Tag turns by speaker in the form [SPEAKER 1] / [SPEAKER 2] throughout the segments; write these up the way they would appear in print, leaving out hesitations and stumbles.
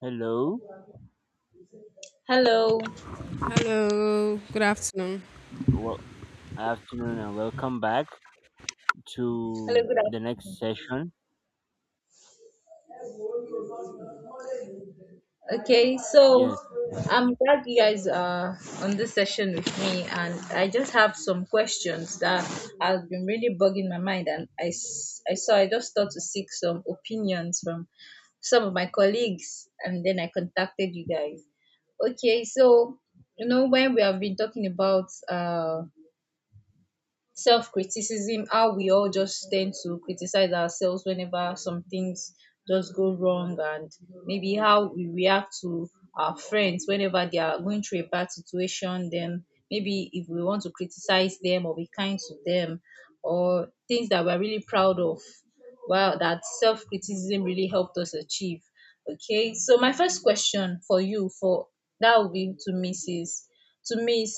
[SPEAKER 1] Hello,
[SPEAKER 2] Hello.
[SPEAKER 3] Hello, good afternoon.
[SPEAKER 1] well, afternoon, and welcome back
[SPEAKER 2] Hello,
[SPEAKER 1] to
[SPEAKER 2] good afternoon.
[SPEAKER 1] the next session.
[SPEAKER 2] Okay, so
[SPEAKER 1] Yes,
[SPEAKER 2] I'm glad you guys are on this session with me, and I just have some questions that have been really bugging my mind. And I saw I just thought to seek some opinions from some of my colleagues, and then I contacted you guys. Okay, so when we have been talking about self criticism, how we all just tend to criticize ourselves whenever some things just go wrong, and maybe how we react to our friends whenever they are going through a bad situation, then maybe if we want to criticize them or be kind to them, or things that we're really proud of, wow, that self criticism really helped us achieve. Okay, so my first question for you, for that, will be to mrs to Miss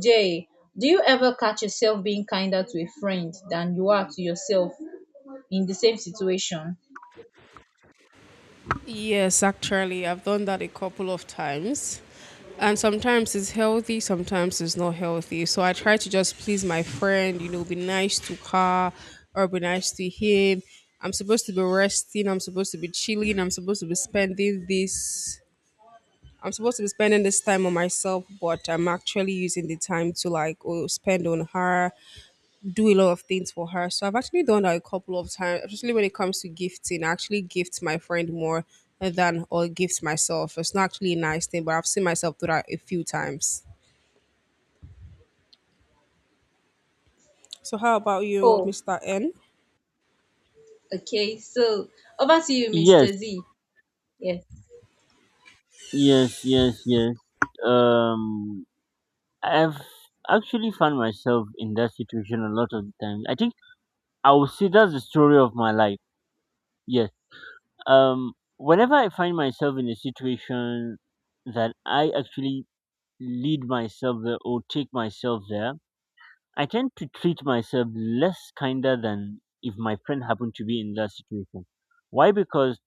[SPEAKER 2] J: do you ever catch yourself being kinder to a friend than you are to yourself in the same situation?
[SPEAKER 3] Yes, actually, I've done that a couple of times. And sometimes it's healthy, sometimes it's not healthy. So I try to just please my friend, you know, be nice to her or be nice to him. I'm supposed to be resting, I'm supposed to be chilling, I'm supposed to be spending this. I'm supposed to be spending this time on myself, but I'm actually using the time to spend on her, do a lot of things for her. So I've actually done that a couple of times, especially when it comes to gifting. I actually gift my friend more than or gift myself. It's not actually a nice thing, but I've seen myself do that a few times. So how about you,
[SPEAKER 2] Oh,
[SPEAKER 3] Mr. N?
[SPEAKER 2] okay. So over to you, Mr.
[SPEAKER 1] yes,
[SPEAKER 2] Z. Yes.
[SPEAKER 1] yes. Um, I've actually found myself in that situation a lot of the time. I think I would say that's the story of my life. Yes. Whenever I find myself in a situation that I actually lead myself there or take myself there, I tend to treat myself less kinder than if my friend happened to be in that situation. Why? Because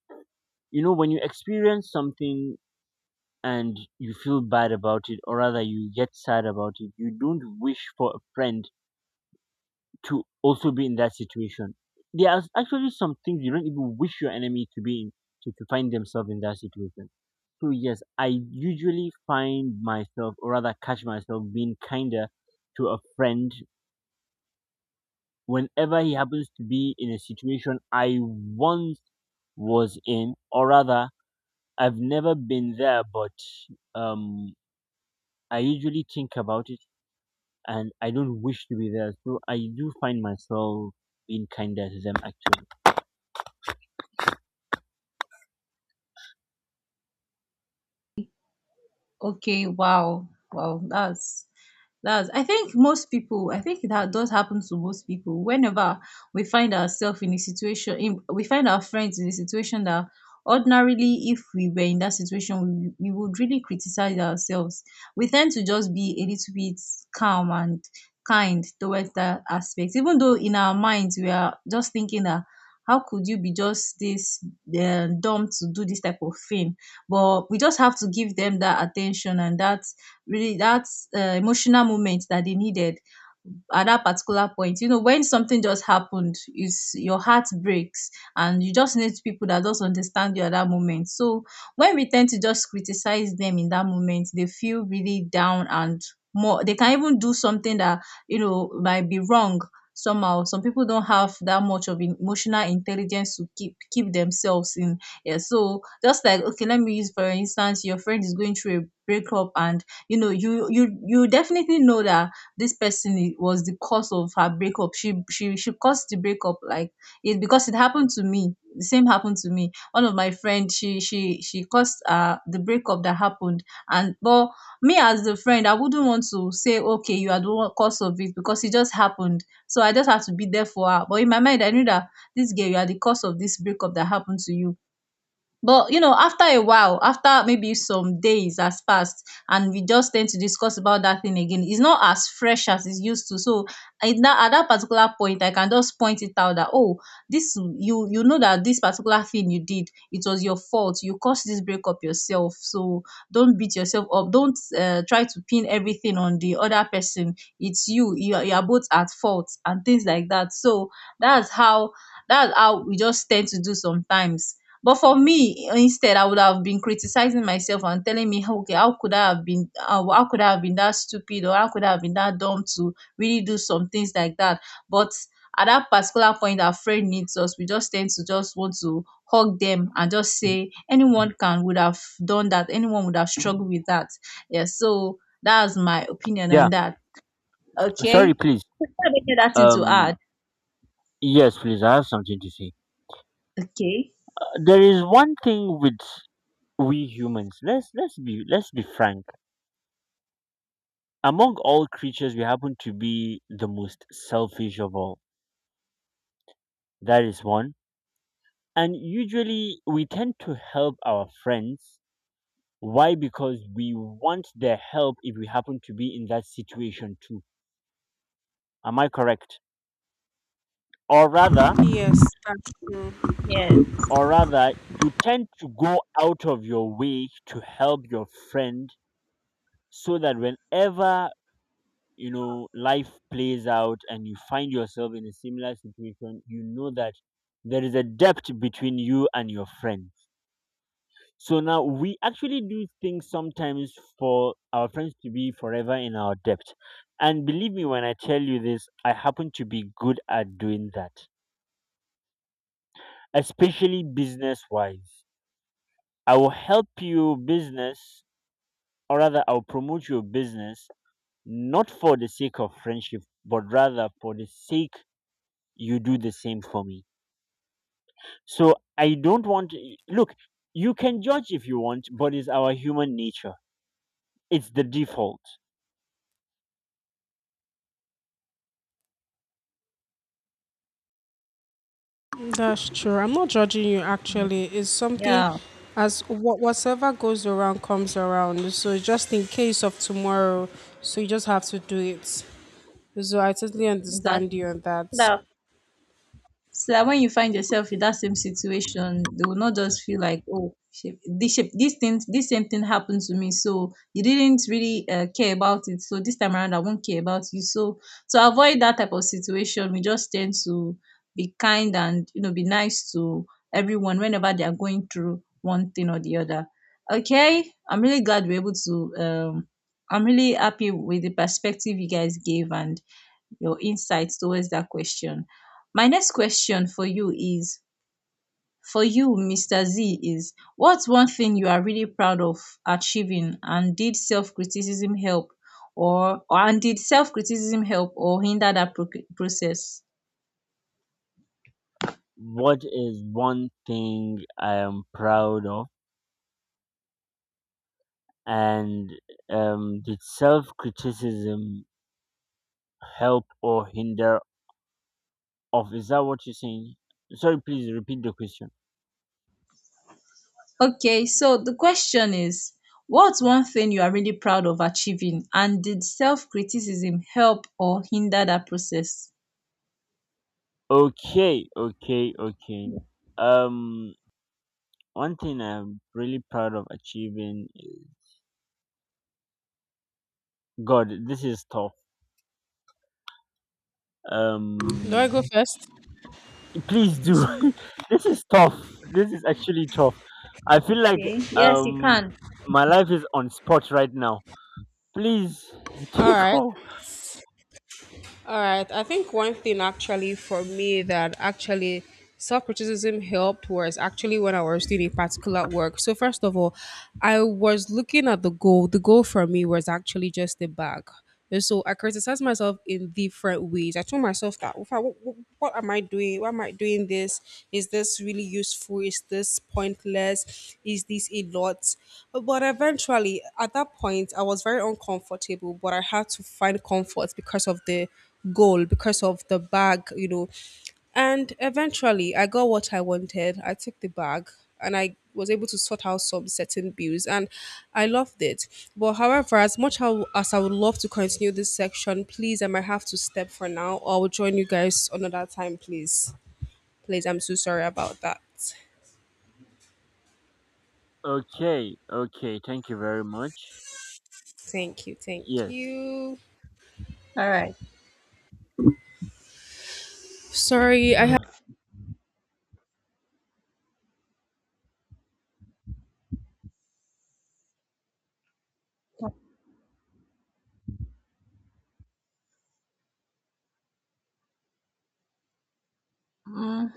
[SPEAKER 1] you know when you experience something and you feel bad about it, or rather you get sad about it, you don't wish for a friend to also be in that situation. There are actually some things you don't even wish your enemy to be in to find themselves in that situation. So yes, I usually find myself, or rather catch myself, being kinder to a friend whenever he happens to be in a situation I once was in, or rather, I've never been there, but um, I usually think about it and I don't wish to be there. So I do find myself being kinder to them actually.
[SPEAKER 2] Okay, wow. Wow, that's I think most people, I think that does happen to most people. Whenever we find ourselves in a situation, we find our friends in a situation that ordinarily if we were in that situation, we would really criticize ourselves. We tend to just be a little bit calm and kind towards that aspect. Even though in our minds we are just thinking that, how could you be just this dumb to do this type of thing? But we just have to give them that attention and that really that emotional moment that they needed at that particular point. You know, when something just happened, it's your heart breaks and you just need people that just understand you at that moment. So when we tend to just criticize them in that moment, they feel really down and more, they can even do something that, you know, might be wrong. Somehow some people don't have that much of emotional intelligence to keep themselves in. Yeah, so just like, okay, let me use for instance, your friend is going through a breakup, and you know, you definitely know that this person was the cause of her breakup. She caused the breakup, like it, because it happened to me. The same happened to me. One of my friend, she caused the breakup that happened. And but me as the friend, I wouldn't want to say, okay, you are the one cause of it because it just happened. So I just have to be there for her. But in my mind, I knew that this girl, you are the cause of this breakup that happened to you. But you know, after a while, after maybe some days has passed, and we just tend to discuss about that thing again, it's not as fresh as it's used to. So at that particular point, I can just point it out that, oh, this, you know that this particular thing you did, it was your fault. You caused this breakup yourself. So don't beat yourself up. Don't try to pin everything on the other person. It's you. You are both at fault and things like that. So that's how that's how we just tend to do sometimes. But for me, instead, I would have been criticizing myself and telling me, okay, how could I have been that stupid, or how could I have been that dumb to really do some things like that? But at that particular point, our friend needs us. We just tend to just want to hug them and just say, anyone can would have done that. Anyone would have struggled with that. Yeah. So that's my opinion
[SPEAKER 1] Yeah,
[SPEAKER 2] on that. Okay.
[SPEAKER 1] sorry, please.
[SPEAKER 2] You have anything to
[SPEAKER 1] Um,
[SPEAKER 2] add?
[SPEAKER 1] yes, please. I have something to say.
[SPEAKER 2] Okay.
[SPEAKER 1] There is one thing with we humans. Let's be frank. Among all creatures, we happen to be the most selfish of all. That is one. And usually we tend to help our friends. Why? Because we want their help if we happen to be in that situation too. Am I correct? Or rather,
[SPEAKER 3] Yes, that's true.
[SPEAKER 2] Yes.
[SPEAKER 1] or rather, you tend to go out of your way to help your friend so that whenever you know life plays out and you find yourself in a similar situation, you know that there is a depth between you and your friend. So now we actually do things sometimes for our friends to be forever in our debt. And believe me when I tell you this, I happen to be good at doing that, especially business wise. I will help you business, or rather, I'll promote your business, not for the sake of friendship, but rather for the sake you do the same for me. So I don't want, look, you can judge if you want, but it's our human nature, it's the default.
[SPEAKER 3] That's true. I'm not judging you actually. It's something
[SPEAKER 2] Yeah.
[SPEAKER 3] as what whatever goes around comes around. So just in case of tomorrow, so you just have to do it. So I totally understand
[SPEAKER 2] Exactly.
[SPEAKER 3] you on that.
[SPEAKER 2] So that when you find yourself in that same situation, they will not just feel like, oh, shit, this thing, this same thing happened to me. So you didn't really care about it. So this time around, I won't care about you. So to avoid that type of situation, we just tend to be kind, and you know, be nice to everyone whenever they are going through one thing or the other. Okay, I'm really glad we're able to. I'm really happy with the perspective you guys gave and your insights towards that question. My next question for you is, Mr. Z, is what's one thing you are really proud of achieving, and did self criticism help or hinder that process?
[SPEAKER 1] What is one thing I am proud of? And did self criticism help or hinder of? Is that what you're saying? Sorry, please repeat the question.
[SPEAKER 2] Okay, so the question is, what's one thing you are really proud of achieving and did self criticism help or hinder that process?
[SPEAKER 1] Okay. Um, One thing I'm really proud of achieving. Is- God, this is tough.
[SPEAKER 3] Do I
[SPEAKER 1] Um,
[SPEAKER 3] go first?
[SPEAKER 1] please do. This is tough. This is actually tough. I feel like
[SPEAKER 2] Okay, yes, you
[SPEAKER 1] um
[SPEAKER 2] can.
[SPEAKER 1] my life is on spot right now. Please
[SPEAKER 3] All
[SPEAKER 1] take
[SPEAKER 3] right.
[SPEAKER 1] off.
[SPEAKER 3] All right. I think one thing actually for me that actually self criticism helped was actually when I was doing a particular work. So, first of all, I was looking at the goal. The goal for me was actually just the bag. And so I criticized myself in different ways. I told myself that, What am I doing? Why am I doing this? Is this really useful? Is this pointless? Is this a lot? But eventually, at that point, I was very uncomfortable, but I had to find comfort because of the goal, because of the bag, you know. And eventually, I got what I wanted. I took the bag and I was able to sort out some certain bills, and I loved it. But however, as I would love to continue this section, please, I might have to step for now, or I will join you guys another time, please. Please, I'm so sorry about that.
[SPEAKER 1] Okay, okay, thank you very much.
[SPEAKER 3] Thank you, thank
[SPEAKER 1] Yes.
[SPEAKER 3] you.
[SPEAKER 2] All right.
[SPEAKER 3] Sorry, I
[SPEAKER 2] Mm.